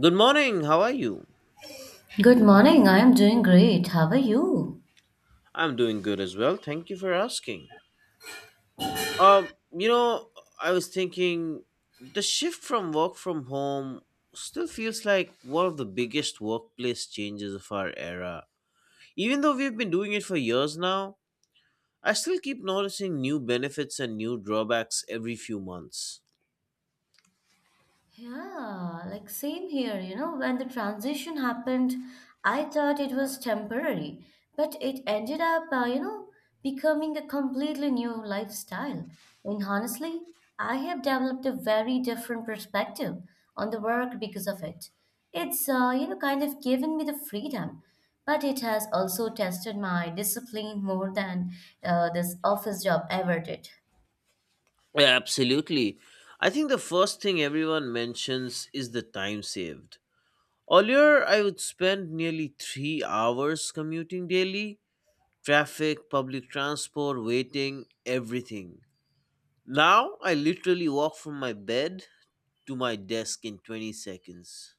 Good morning. How are you? Good morning. I am doing great. How are you? I'm doing good as well. Thank you for asking. Um, you know, I was thinking the shift from work from home still feels like one of the biggest workplace changes of our era. Even though we've been doing it for years now, I still keep noticing new benefits and new drawbacks every few months. Yeah, like same here, you know, when the transition happened, I thought it was temporary, but it ended up, becoming a completely new lifestyle. And honestly, I have developed a very different perspective on the work because of it. It's, kind of given me the freedom, but it has also tested my discipline more than this office job ever did. Yeah, absolutely. I think the first thing everyone mentions is the time saved. Earlier, I would spend nearly 3 hours commuting daily traffic, public transport, waiting, everything. Now, I literally walk from my bed to my desk in 20 seconds.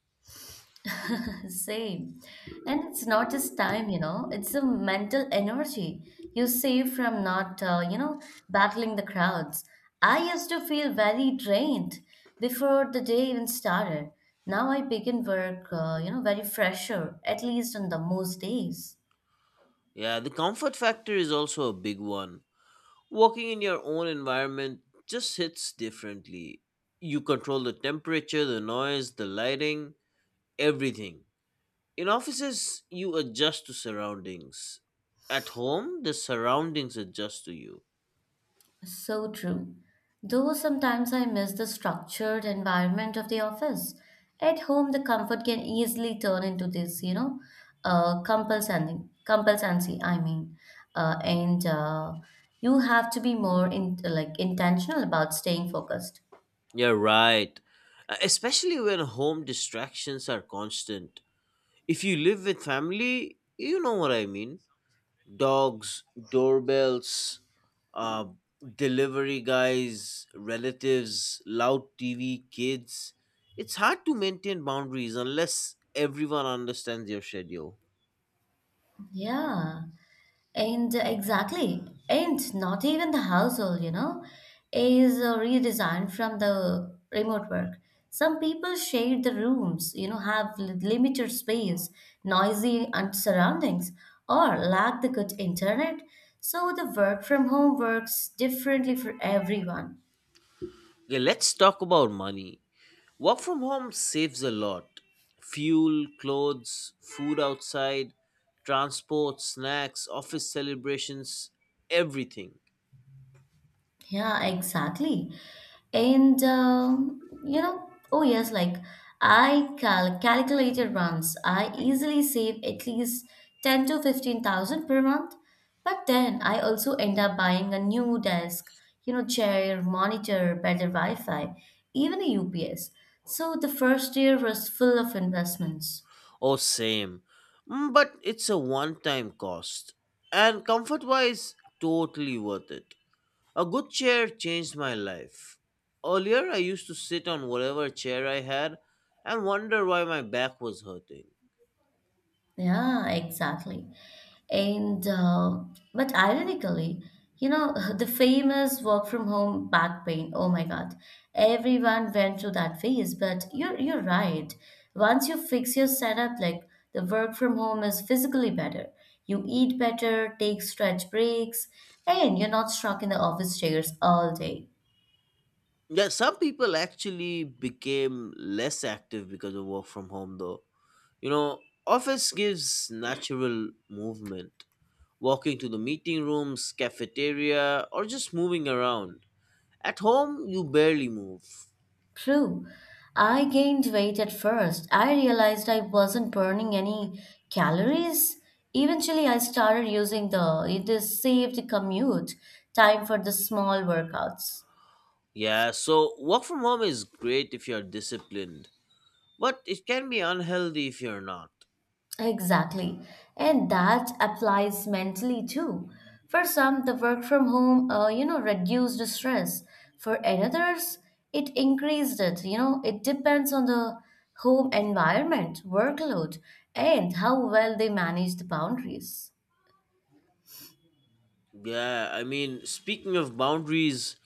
Same. And it's not just time, you know, it's a mental energy you save from not, battling the crowds. I used to feel very drained before the day even started. Now I begin work, very fresher, at least on the most days. Yeah, the comfort factor is also a big one. Walking in your own environment just hits differently. You control the temperature, the noise, the lighting, everything. In offices, you adjust to surroundings. At home, the surroundings adjust to you. So true. Though sometimes I miss the structured environment of the office. At home, the comfort can easily turn into this, you know, compulsancy, I mean. And You have to be more in, like intentional about staying focused. You're right. Especially when home distractions are constant. If you live with family, you know what I mean. Dogs, doorbells, uh, delivery guys, relatives, loud TV, kids. It's hard to maintain boundaries unless everyone understands your schedule. Yeah. And exactly, and not even the household, you know, is redesigned from the remote work. Some people share the rooms, you know, have limited space, noisy and surroundings, or lack the good internet. So the work from home works differently for everyone. Yeah, let's talk about money. Work from home saves a lot: fuel, clothes, food outside, transport, snacks, office celebrations, everything. Yeah, exactly. And, you know, oh yes, like I cal calculated once, I easily save at least 10 to 15,000 per month. But then I also end up buying a new desk, you know, chair, monitor, better Wi-Fi, even a UPS. So the first year was full of investments. Oh, same. But it's a one time cost. And comfort wise, totally worth it. A good chair changed my life. Earlier, I used to sit on whatever chair I had and wonder why my back was hurting. Yeah, exactly. And but ironically, you know, the famous work from home back pain. Oh my God, everyone went through that phase. But you're right. Once you fix your setup, like the work from home is physically better. You eat better, take stretch breaks, and you're not stuck in the office chairs all day. Yeah, some people actually became less active because of work from home, though. You know, office gives natural movement, walking to the meeting rooms, cafeteria, or just moving around. At home, you barely move. True. I gained weight at first. I realized I wasn't burning any calories. Eventually, I started using the this saved commute time for the small workouts. Yeah, so work from home is great if you're disciplined, but it can be unhealthy if you're not. Exactly. And that applies mentally too. For some, the work from home, reduced the stress. For others, it increased it. You know, it depends on the home environment, workload, and how well they manage the boundaries. Yeah, I mean, speaking of boundaries,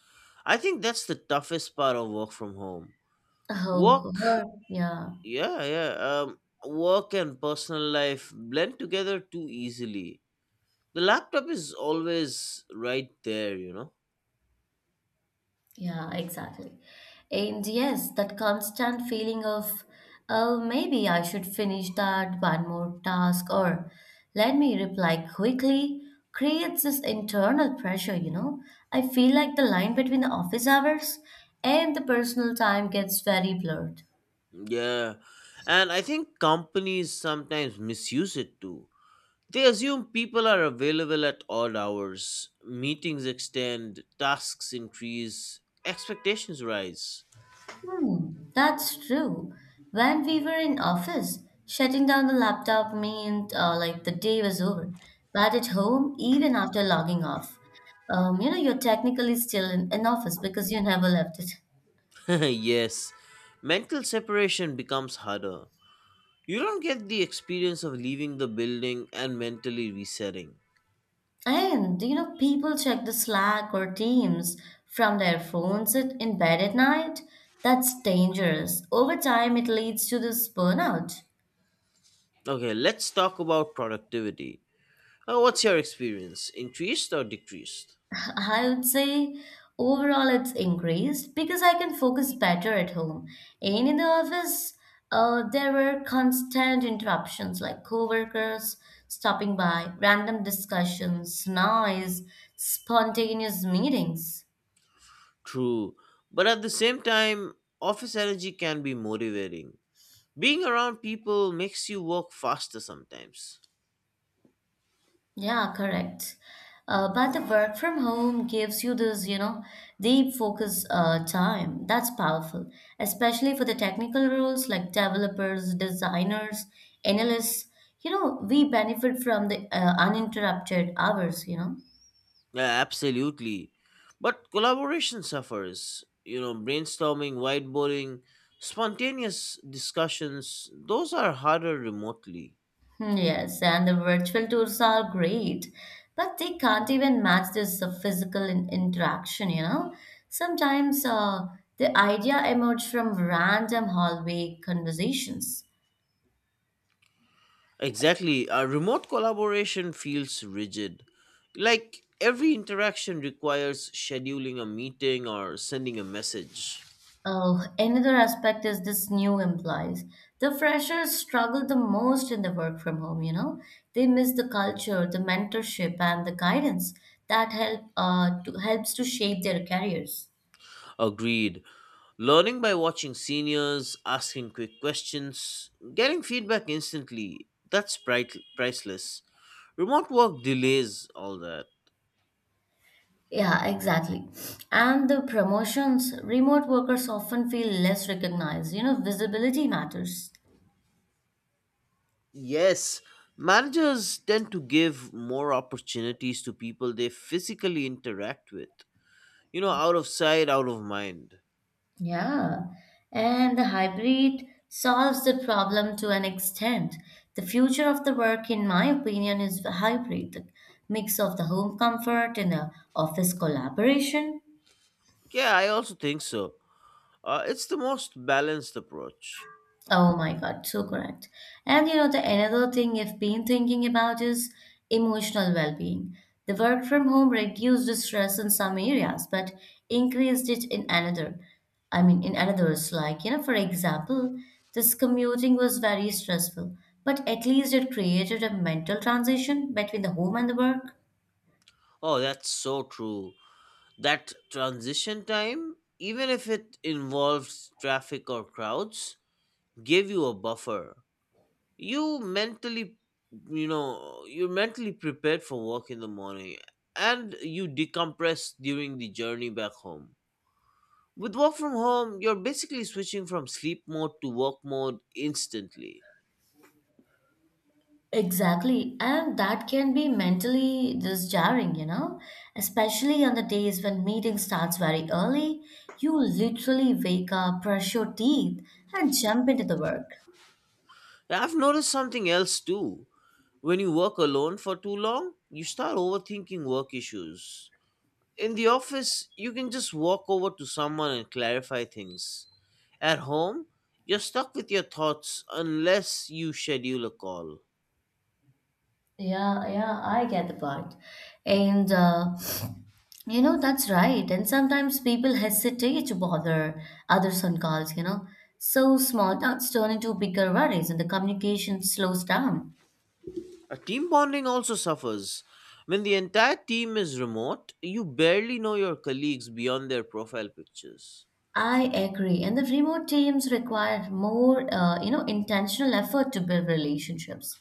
I think that's the toughest part of work from home. Oh, Work yeah. Yeah, yeah. Um, work and personal life blend together too easily. The laptop is always right there, you know? Yeah, exactly. And yes, that constant feeling of, oh, maybe I should finish that one more task or let me reply quickly creates this internal pressure, you know. I feel like the line between the office hours and the personal time gets very blurred. Yeah. And I think companies sometimes misuse it too. They assume people are available at odd hours, meetings extend, tasks increase, expectations rise. Hmm, that's true. When we were in office, shutting down the laptop meant like the day was over. But at home, even after logging off, you're technically still in office because you never left it. Yes, mental separation becomes harder. You don't get the experience of leaving the building and mentally resetting. And do you know, people check the Slack or Teams from their phones in bed at night. That's dangerous. Over time, it leads to this burnout. Okay, let's talk about productivity. What's your experience? Increased or decreased? I would say overall it's increased because I can focus better at home. And in the office, there were constant interruptions like coworkers stopping by, random discussions, noise, spontaneous meetings. True, but at the same time, office energy can be motivating. Being around people makes you work faster sometimes. Yeah, correct. But the work from home gives you this, you know, deep focus time. That's powerful, especially for the technical roles like developers, designers, analysts. You know, we benefit from the uninterrupted hours, you know. Yeah, absolutely. But collaboration suffers. You know, brainstorming, whiteboarding, spontaneous discussions, those are harder remotely. Hmm, yes, and the virtual tours are great, but they can't even match this physical interaction, you know. Sometimes the idea emerged from random hallway conversations. Exactly. Remote collaboration feels rigid. Like every interaction requires scheduling a meeting or sending a message. Oh, another aspect is this new employees. The freshers struggle the most in the work from home, you know. They miss the culture, the mentorship, and the guidance that helps to shape their careers. Agreed. Learning by watching seniors, asking quick questions, getting feedback instantly, that's priceless. Remote work delays all that. Yeah, exactly. And the promotions, remote workers often feel less recognized. You know, visibility matters. Yes, managers tend to give more opportunities to people they physically interact with. You know, out of sight, out of mind. Yeah, and the hybrid solves the problem to an extent. The future of the work, in my opinion, is the hybrid, the mix of the home comfort and the office collaboration. Yeah, I also think so. It's the most balanced approach. Oh my God, so correct. And you know, the another thing I've been thinking about is emotional well-being. The work from home reduced the stress in some areas, but increased it in another. I mean, in others, like, you know, for example, this commuting was very stressful, but at least it created a mental transition between the home and the work. Oh, that's so true. That transition time, even if it involves traffic or crowds, gave you a buffer. You mentally, you're mentally prepared for work in the morning and you decompress during the journey back home. With work from home, you're basically switching from sleep mode to work mode instantly. Exactly, and that can be mentally just jarring, you know, especially on the days when meeting starts very early. You literally wake up, brush your teeth, and jump into the work. I've noticed something else too. When you work alone for too long, you start overthinking work issues. In the office, you can just walk over to someone and clarify things. At home, you're stuck with your thoughts unless you schedule a call. Yeah, yeah, I get the point. And uh, that's right. And sometimes people hesitate to bother others on calls, you know. So small talks turn into bigger worries and the communication slows down. A team bonding also suffers. When the entire team is remote, you barely know your colleagues beyond their profile pictures. I agree. And the remote teams require more, intentional effort to build relationships.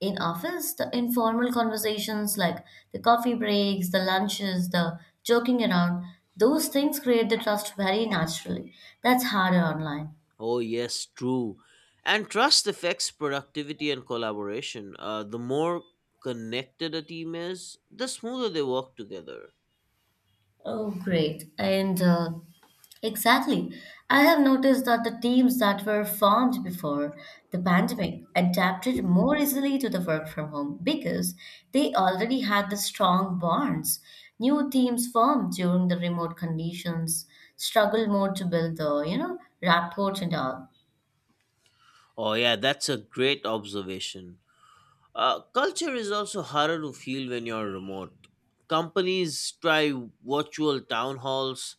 In office, the informal conversations like the coffee breaks, the lunches, the joking around, those things create the trust very naturally. That's harder online. Oh, yes, true. And trust affects productivity and collaboration. The more connected a team is, the smoother they work together. Oh, great. And exactly. I have noticed that the teams that were formed before the pandemic adapted more easily to the work from home because they already had the strong bonds. New teams formed during the remote conditions struggle more to build the, you know, rapport and all. Oh, yeah, that's a great observation. Culture is also harder to feel when you're remote. Companies try virtual town halls,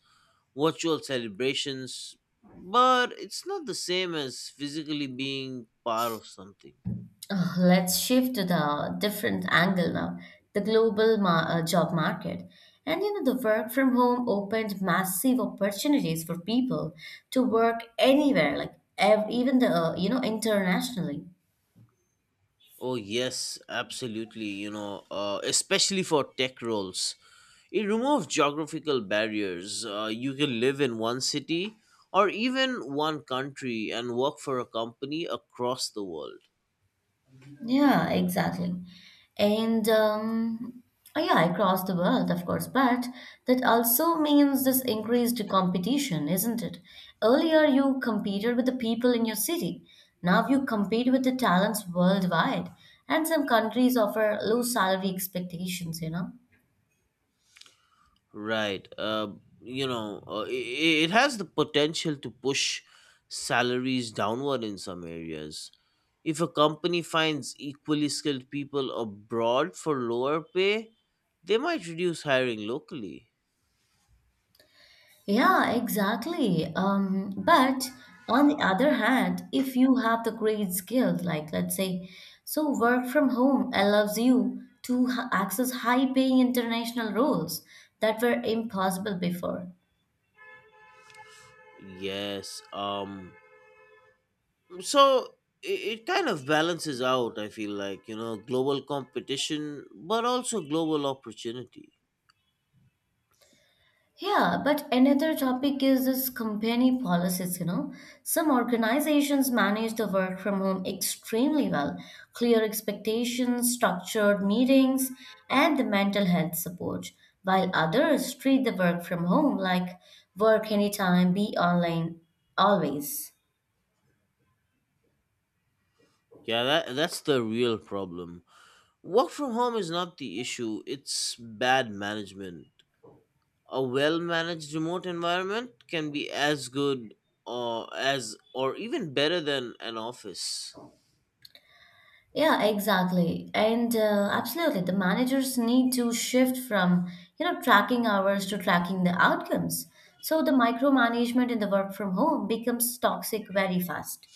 virtual celebrations, but it's not the same as physically being part of something. Let's shift to the different angle now, the job market, and you know the work from home opened massive opportunities for people to work anywhere, like even the you know, internationally. Oh, yes, absolutely. You know, especially for tech roles. It removes geographical barriers. You can live in one city or even one country and work for a company across the world. Yeah, exactly. And yeah, across the world, of course, but that also means this increased competition, isn't it? Earlier, you competed with the people in your city. Now you compete with the talents worldwide, and some countries offer low salary expectations, you know? Right. It has the potential to push salaries downward in some areas. If a company finds equally skilled people abroad for lower pay, they might reduce hiring locally. Yeah, exactly. But on the other hand, if you have the great skill, like let's say, so work from home allows you to access high-paying international roles that were impossible before. Yes. So it kind of balances out, I feel like, global competition, but also global opportunity. Yeah, but another topic is this company policies, you know. Some organizations manage the work from home extremely well. Clear expectations, structured meetings, and the mental health support, while others treat the work from home like work anytime, be online, always. Yeah, that's the real problem. Work from home is not the issue, it's bad management. A well managed remote environment can be as good or even better than an office. Yeah, exactly. And absolutely, the managers need to shift from, you know, tracking hours to tracking the outcomes. So the micromanagement in the work from home becomes toxic very fast.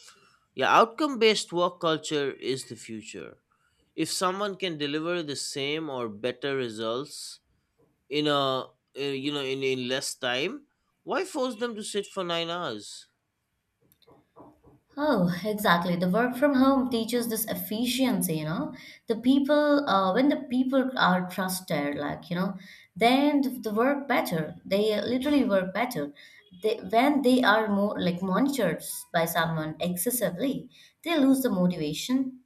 Yeah, outcome based work culture is the future. If someone can deliver the same or better results in a you know in less time, why force them to sit for 9 hours? Oh, exactly. The work from home teaches this efficiency, you know. When the people are trusted, like, you know, then the work better. They literally work better. They, when they are more like monitored by someone excessively, they lose the motivation.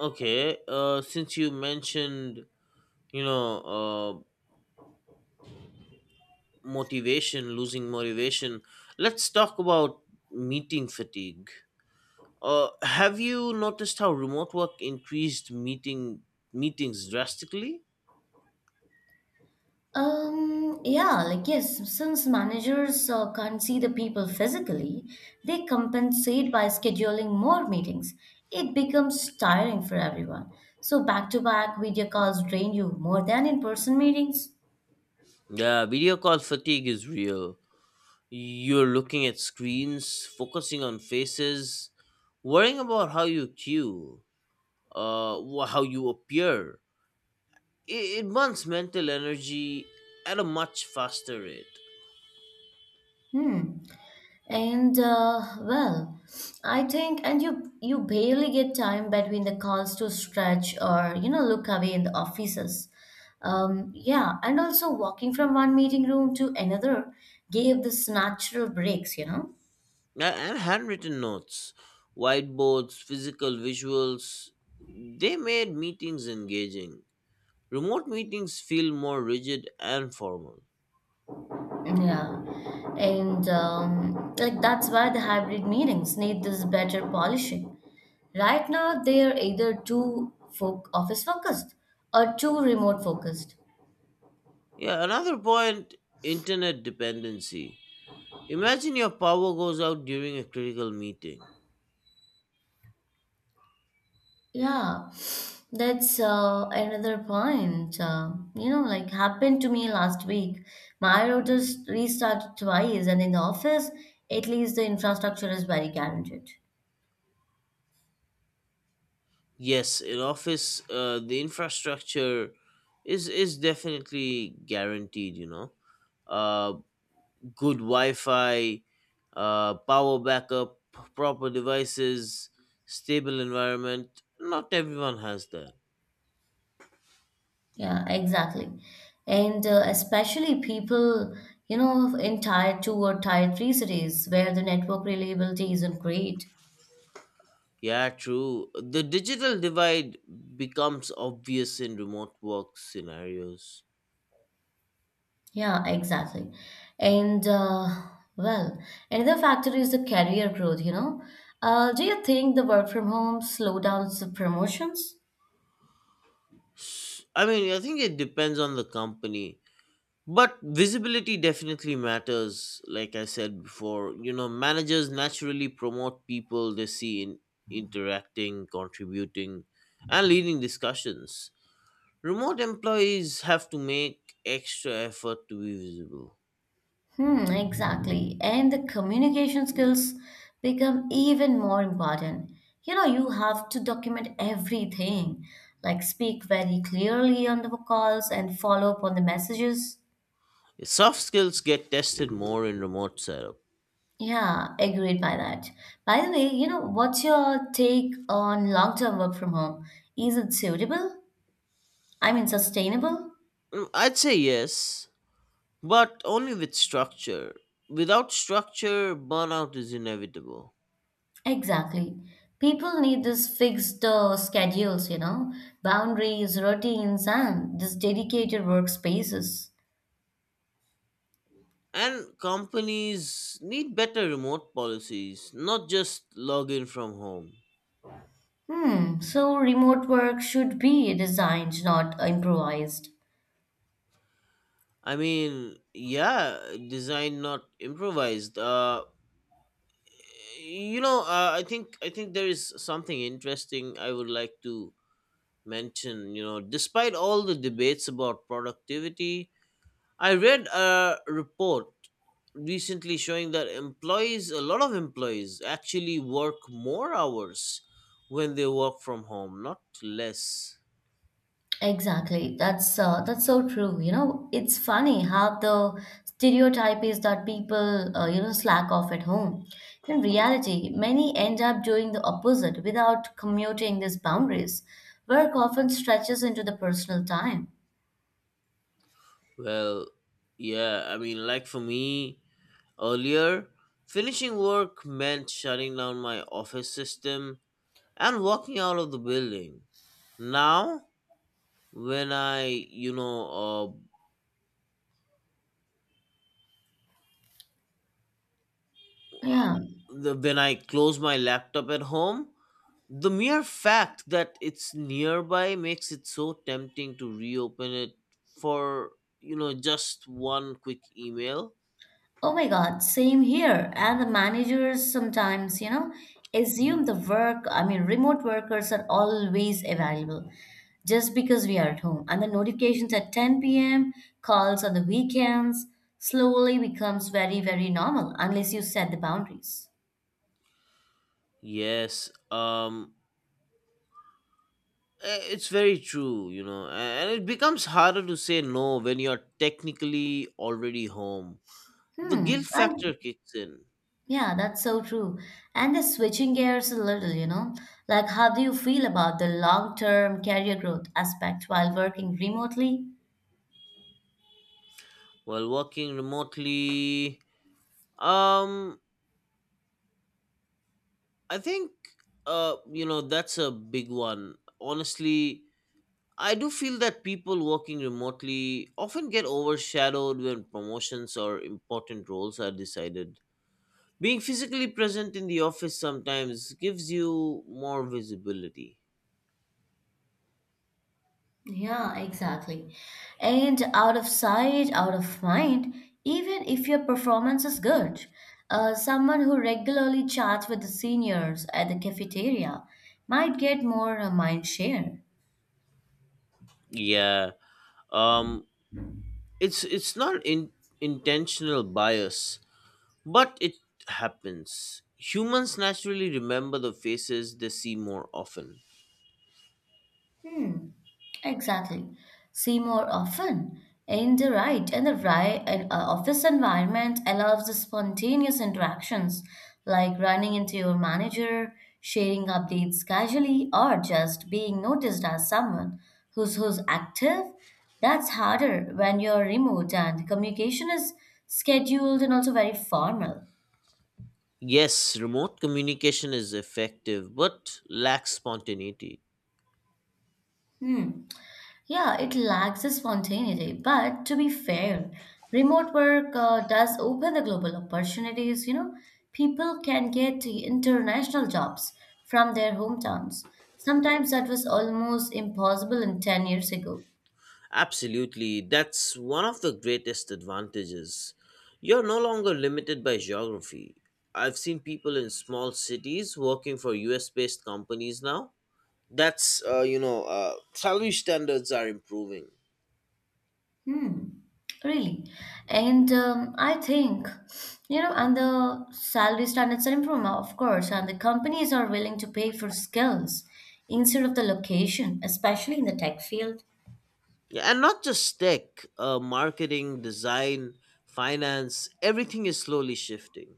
Okay. Since you mentioned, you know uh motivation losing motivation, let's talk about meeting fatigue. Have you noticed how remote work increased meetings drastically? Yeah, like yes, since managers can't see the people physically, they compensate by scheduling more meetings. It becomes tiring for everyone. So back-to-back video calls drain you more than in-person meetings. Yeah, video call fatigue is real. You're looking at screens, focusing on faces, worrying about how you appear. It burns mental energy at a much faster rate. Hmm. And uh, well, I think, and you barely get time between the calls to stretch or you know look away in the offices. Yeah, and also walking from one meeting room to another gave this natural breaks, you know. And handwritten notes, whiteboards, physical visuals, they made meetings engaging. Remote meetings feel more rigid and formal. Yeah, and like that's why the hybrid meetings need this better polishing. Right now, they are either too office focused or too remote focused. Yeah, another point: internet dependency. Imagine your power goes out during a critical meeting. Yeah, that's another point. You know, like happened to me last week. My router restarted twice, and in the office, at least the infrastructure is very guaranteed. Yes, in office, the infrastructure is definitely guaranteed. You know, uh, good Wi-Fi, power backup, proper devices, stable environment. Not everyone has that. Yeah, exactly. And especially people, you know, in tier 2 or tier 3 cities where the network reliability isn't great. Yeah, true. The digital divide becomes obvious in remote work scenarios. Yeah, exactly. And uh, well, Another factor is the career growth, you know. Do you think the work from home slow down the promotions? I mean, I think it depends on the company. But visibility definitely matters, like I said before. You know, managers naturally promote people they see in interacting, contributing, and leading discussions. Remote employees have to make extra effort to be visible. Hmm, exactly. And the communication skills become even more important. You know, you have to document everything, like speak very clearly on the calls and follow up on the messages. Soft skills get tested more in remote setup. Yeah, agreed by that. By the way, you know, what's your take on long-term work from home? Is it suitable? I mean, sustainable? I'd say yes, but only with structure. Without structure, burnout is inevitable. Exactly. People need this fixed schedules, you know, boundaries, routines, and this dedicated workspaces. And companies need better remote policies, not just login from home. Hmm, so remote work should be designed, not improvised. I mean, yeah, design not improvised. I think there is something interesting I would like to mention. You know, despite all the debates about productivity, I read a report recently showing that employees, a lot of employees, actually work more hours when they work from home, not less. Exactly. That's so true. You know, it's funny how the stereotype is that people, slack off at home. In reality, many end up doing the opposite without commuting these boundaries. Work often stretches into the personal time. Well, yeah, I mean, like for me earlier, finishing work meant shutting down my office system and walking out of the building. Now, when I, you know, uh, Yeah. the, when I close my laptop at home, the mere fact that it's nearby makes it so tempting to reopen it for, you know, just one quick email. Oh my God, same here. And the managers sometimes, you know, assume the work, I mean, remote workers are always available just because we are at home. And the notifications at 10 p.m., calls on the weekends slowly becomes very, very normal unless you set the boundaries. Yes. It's very true, and it becomes harder to say no when you're technically already home. The Hmm. guilt And factor kicks in yeah, that's so true. And the switching gears a little, you know, like how do you feel about the long-term career growth aspect while working remotely? while working remotely. Um, I think, that's a big one. Honestly, I do feel that people working remotely often get overshadowed when promotions or important roles are decided. Being physically present in the office sometimes gives you more visibility. Yeah, exactly. And out of sight, out of mind, even if your performance is good. Someone who regularly chats with the seniors at the cafeteria might get more mind share. Yeah, um it's not in intentional bias, but it happens. Humans naturally remember the faces they see more often. Hmm, exactly. See more often. In the right and, office environment allows the spontaneous interactions like running into your manager, sharing updates casually, or just being noticed as someone who's active. That's harder when you're remote and communication is scheduled and also very formal. Yes, remote communication is effective, but lacks spontaneity. Hmm. Yeah, it lacks the spontaneity. But to be fair, remote work does open the global opportunities. You know, people can get international jobs from their hometowns. Sometimes that was almost impossible in 10 years ago. Absolutely, that's one of the greatest advantages. You're no longer limited by geography. I've seen people in small cities working for US based companies now. That's uh, you know uh, salary standards are improving. Hmm, really. And I think, you know, and the salary standards are improved, of course, and the companies are willing to pay for skills instead of the location, especially in the tech field. Yeah, and not just tech, marketing, design, finance, everything is slowly shifting.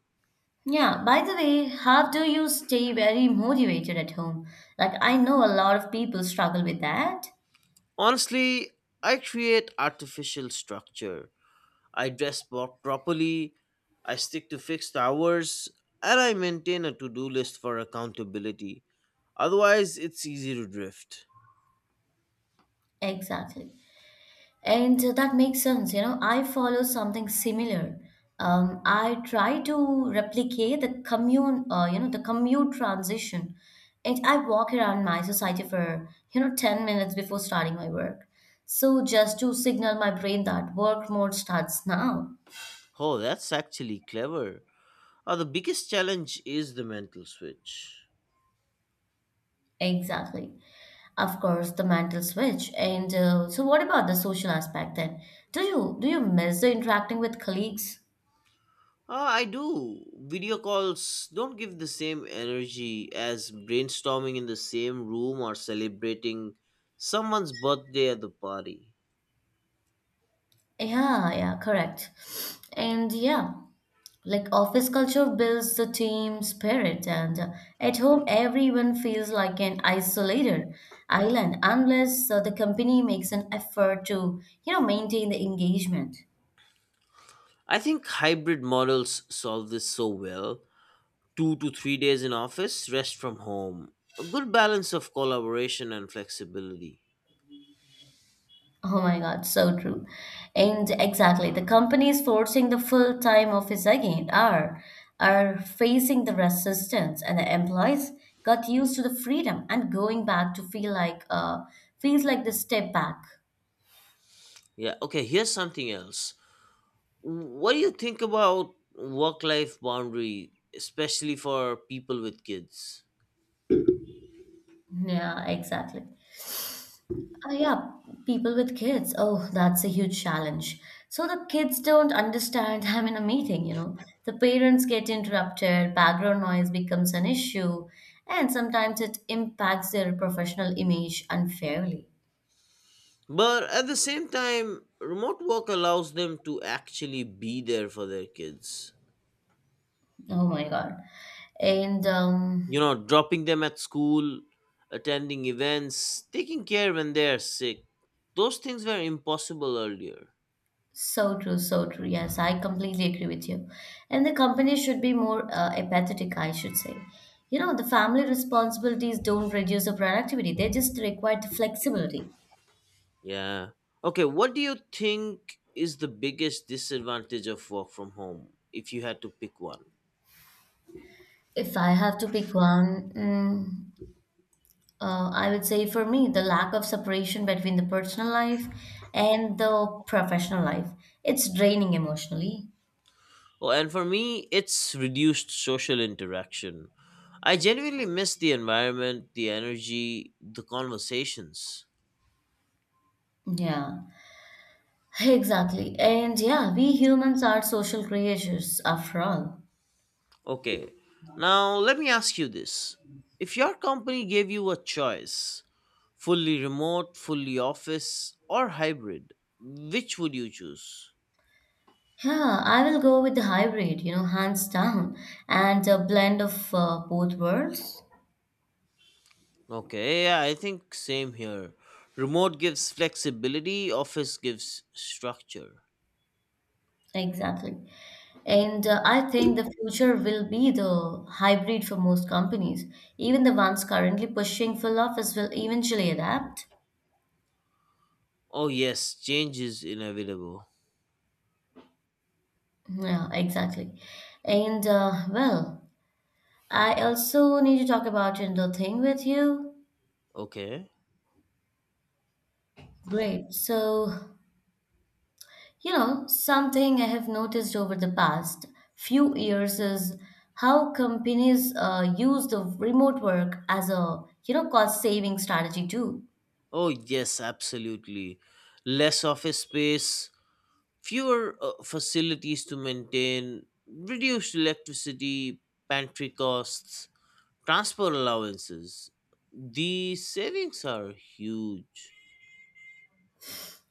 Yeah, by the way, how do you stay very motivated at home? Like, I know a lot of people struggle with that. Honestly, I create artificial structure. I dress properly, I stick to fixed hours, and I maintain a to do list for accountability. Otherwise, it's easy to drift. Exactly. And that makes sense. You know, I follow something similar. I try to replicate the you know, the commute transition. And I walk around my society for, you know, 10 minutes before starting my work. So just to signal my brain that work mode starts now. Oh, that's actually clever. The biggest challenge is the mental switch. Exactly. Of course, the mental switch. And so, what about the social aspect then? Do you miss the interacting with colleagues? I do. Video calls don't give the same energy as brainstorming in the same room or celebrating someone's birthday at the party. Yeah, yeah, correct. And yeah, like office culture builds the team spirit, and at home everyone feels like an isolated island unless the company makes an effort to, you know, maintain the engagement. I think hybrid models solve this so well. 2 to 3 days in office, rest from home. A good balance of collaboration and flexibility. Oh my God, so true. And exactly, the companies forcing the full-time office again are facing the resistance, and the employees got used to the freedom and going back to feels like the step back. Yeah, okay, here's something else. What do you think about work life boundary, especially for people with kids? Yeah, exactly. Yeah, people with kids. Oh, that's a huge challenge. So the kids don't understand I'm in a meeting, you know. The parents get interrupted, background noise becomes an issue, and sometimes it impacts their professional image unfairly. But at the same time, remote work allows them to actually be there for their kids. Oh my God. And You know, dropping them at school, attending events, taking care when they are sick. Those things were impossible earlier. so true, so true. Yes, I completely agree with you. And the company should be more empathetic, I should say. You know, the family responsibilities don't reduce the productivity, they just require the flexibility. Yeah. Okay, what do you think is the biggest disadvantage of work from home if you had to pick one? If I have to pick one, mm, I would say for me, the lack of separation between the personal life and the professional life. It's draining emotionally. Oh, and for me, it's reduced social interaction. I genuinely miss the environment, the energy, the conversations. Yeah, exactly. And yeah, we humans are social creatures after all. Okay. Now, let me ask you this. If your company gave you a choice, fully remote, fully office, or hybrid, which would you choose? Yeah, I will go with the hybrid, you know, hands down, and a blend of both worlds. Okay, yeah, I think same here. Remote gives flexibility, office gives structure. Exactly. And I think the future will be the hybrid for most companies. Even the ones currently pushing full office will eventually adapt. Oh, yes, change is inevitable. Yeah, exactly. And well, I also need to talk about another thing with you. Okay. Great. So, you know, something I have noticed over the past few years is how companies use the remote work as a, you know, cost saving strategy too. Oh, yes, absolutely. Less office space, fewer facilities to maintain, reduced electricity, pantry costs, transport allowances. The savings are huge.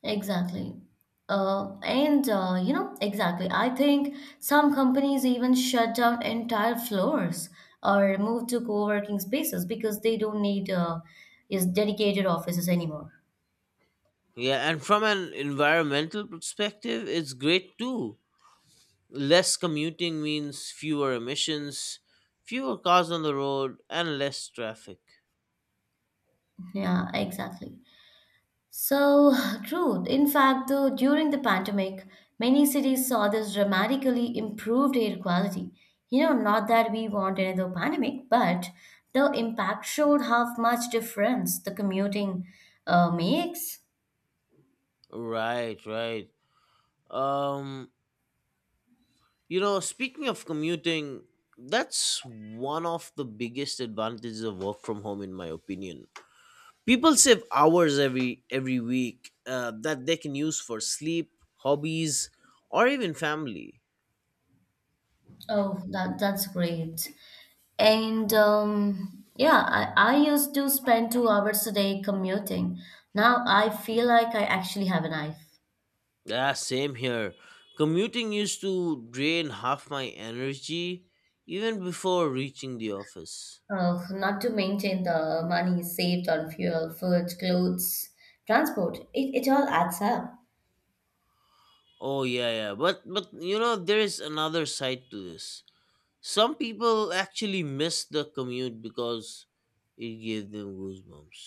Exactly. And you know, exactly. I think some companies even shut down entire floors or move to co-working spaces because they don't need is dedicated offices anymore. Yeah, and from an environmental perspective, it's great too. Less commuting means fewer emissions, fewer cars on the road, and less traffic. Yeah, exactly. So true. In fact, though, during the pandemic, many cities saw this dramatically improved air quality. You know, not that we want another pandemic, but the impact showed how much difference the commuting makes. Right, right. Um, You know, speaking of commuting, that's one of the biggest advantages of work from home, in my opinion. People save hours every week that they can use for sleep, hobbies, or even family. Oh, that's great. And yeah, I used to spend 2 hours a day commuting. Now I feel like I actually have a knife. Yeah, same here. Commuting used to drain half my energy even before reaching the office. Oh, not to mention the money saved on fuel, food, clothes, transport. It all adds up. Oh yeah, yeah. But you know, there is another side to this. Some people actually miss the commute because it gave them goosebumps.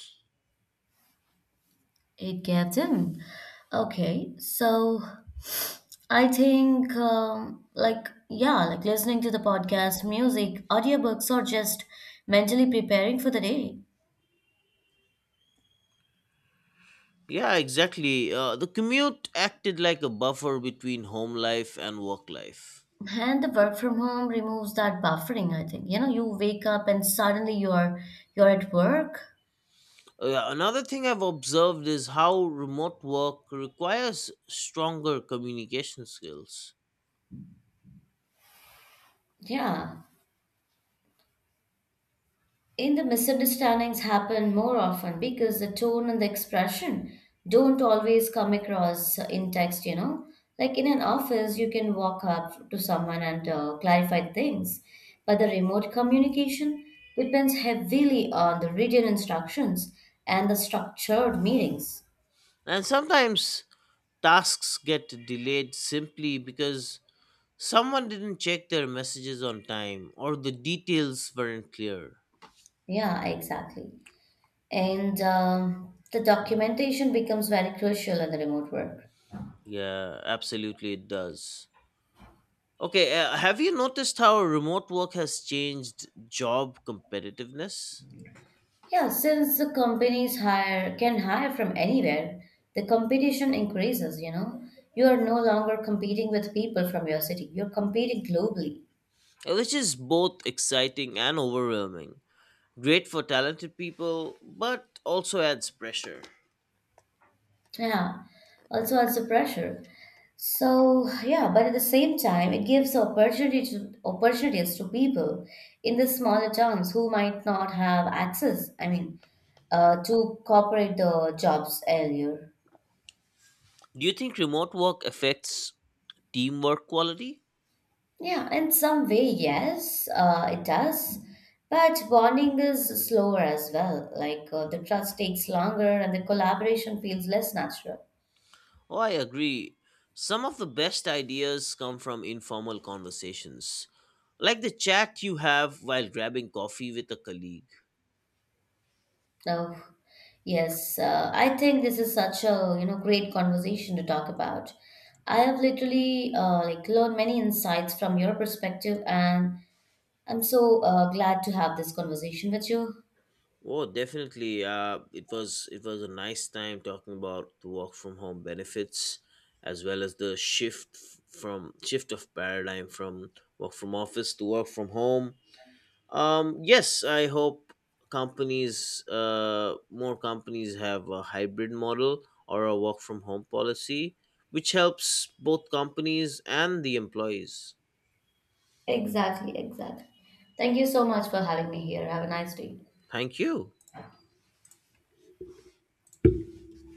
It gets in. Okay, so I think like yeah, like listening to the podcast, music, audiobooks, or just mentally preparing for the day. Yeah, exactly. The commute acted like a buffer between home life and work life. And the work from home removes that buffering, I think. You know, you wake up and suddenly you're at work. Yeah, another thing I've observed is how remote work requires stronger communication skills. Yeah, in the misunderstandings happen more often because the tone and the expression don't always come across in text, you know. Like in an office, you can walk up to someone and clarify things, but the remote communication depends heavily on the written instructions and the structured meetings. And sometimes tasks get delayed simply because someone didn't check their messages on time or the details weren't clear. Yeah, exactly. And the documentation becomes very crucial in the remote work. Yeah, absolutely, it does. Okay, have you noticed how remote work has changed job competitiveness? Yeah, since the companies hire can hire from anywhere, the competition increases, you know. You are no longer competing with people from your city. You're competing globally. Which is both exciting and overwhelming. Great for talented people, but also adds pressure. Yeah. Also adds the pressure. So yeah, but at the same time it gives opportunities to people in the smaller towns who might not have access, I mean, to corporate the jobs earlier. Do you think remote work affects teamwork quality? Yeah, in some way, yes, it does. But bonding is slower as well. Like the trust takes longer and the collaboration feels less natural. Oh, I agree. Some of the best ideas come from informal conversations, like the chat you have while grabbing coffee with a colleague. No, yes, I think this is such a you know great conversation to talk about. I have literally like learned many insights from your perspective, and I'm so glad to have this conversation with you. Oh, definitely. It was a nice time talking about the work from home benefits, as well as the shift of paradigm from work from office to work from home. Yes, I hope more companies have a hybrid model or a work from home policy, which helps both companies and the employees. Exactly, exactly. Thank you so much for having me here. Have a nice day. Thank you.